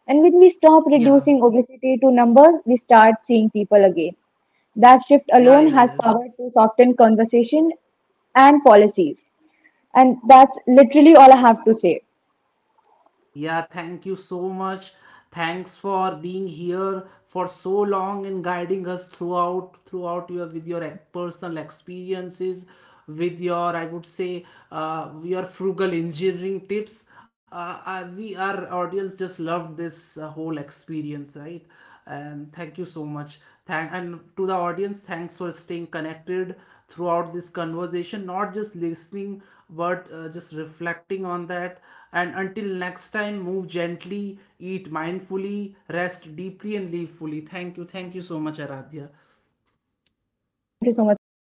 And when we stop Yeah, reducing obesity to numbers, we start seeing people again. That shift yeah, alone yeah, has yeah. power to soften conversation and policies. And that's literally all I have to say. Yeah, thank you so much. Thanks for being here for so long and guiding us throughout your with your personal experiences, with your, I would say, your frugal engineering tips. We our audience just loved this whole experience, right? And thank you so much. Thank, and to the audience, thanks for staying connected throughout this conversation, not just listening but just reflecting on that. And until next time, move gently, eat mindfully, rest deeply, and live fully. Thank you, thank you so much, Aradhya. Thank you so much, Sunil.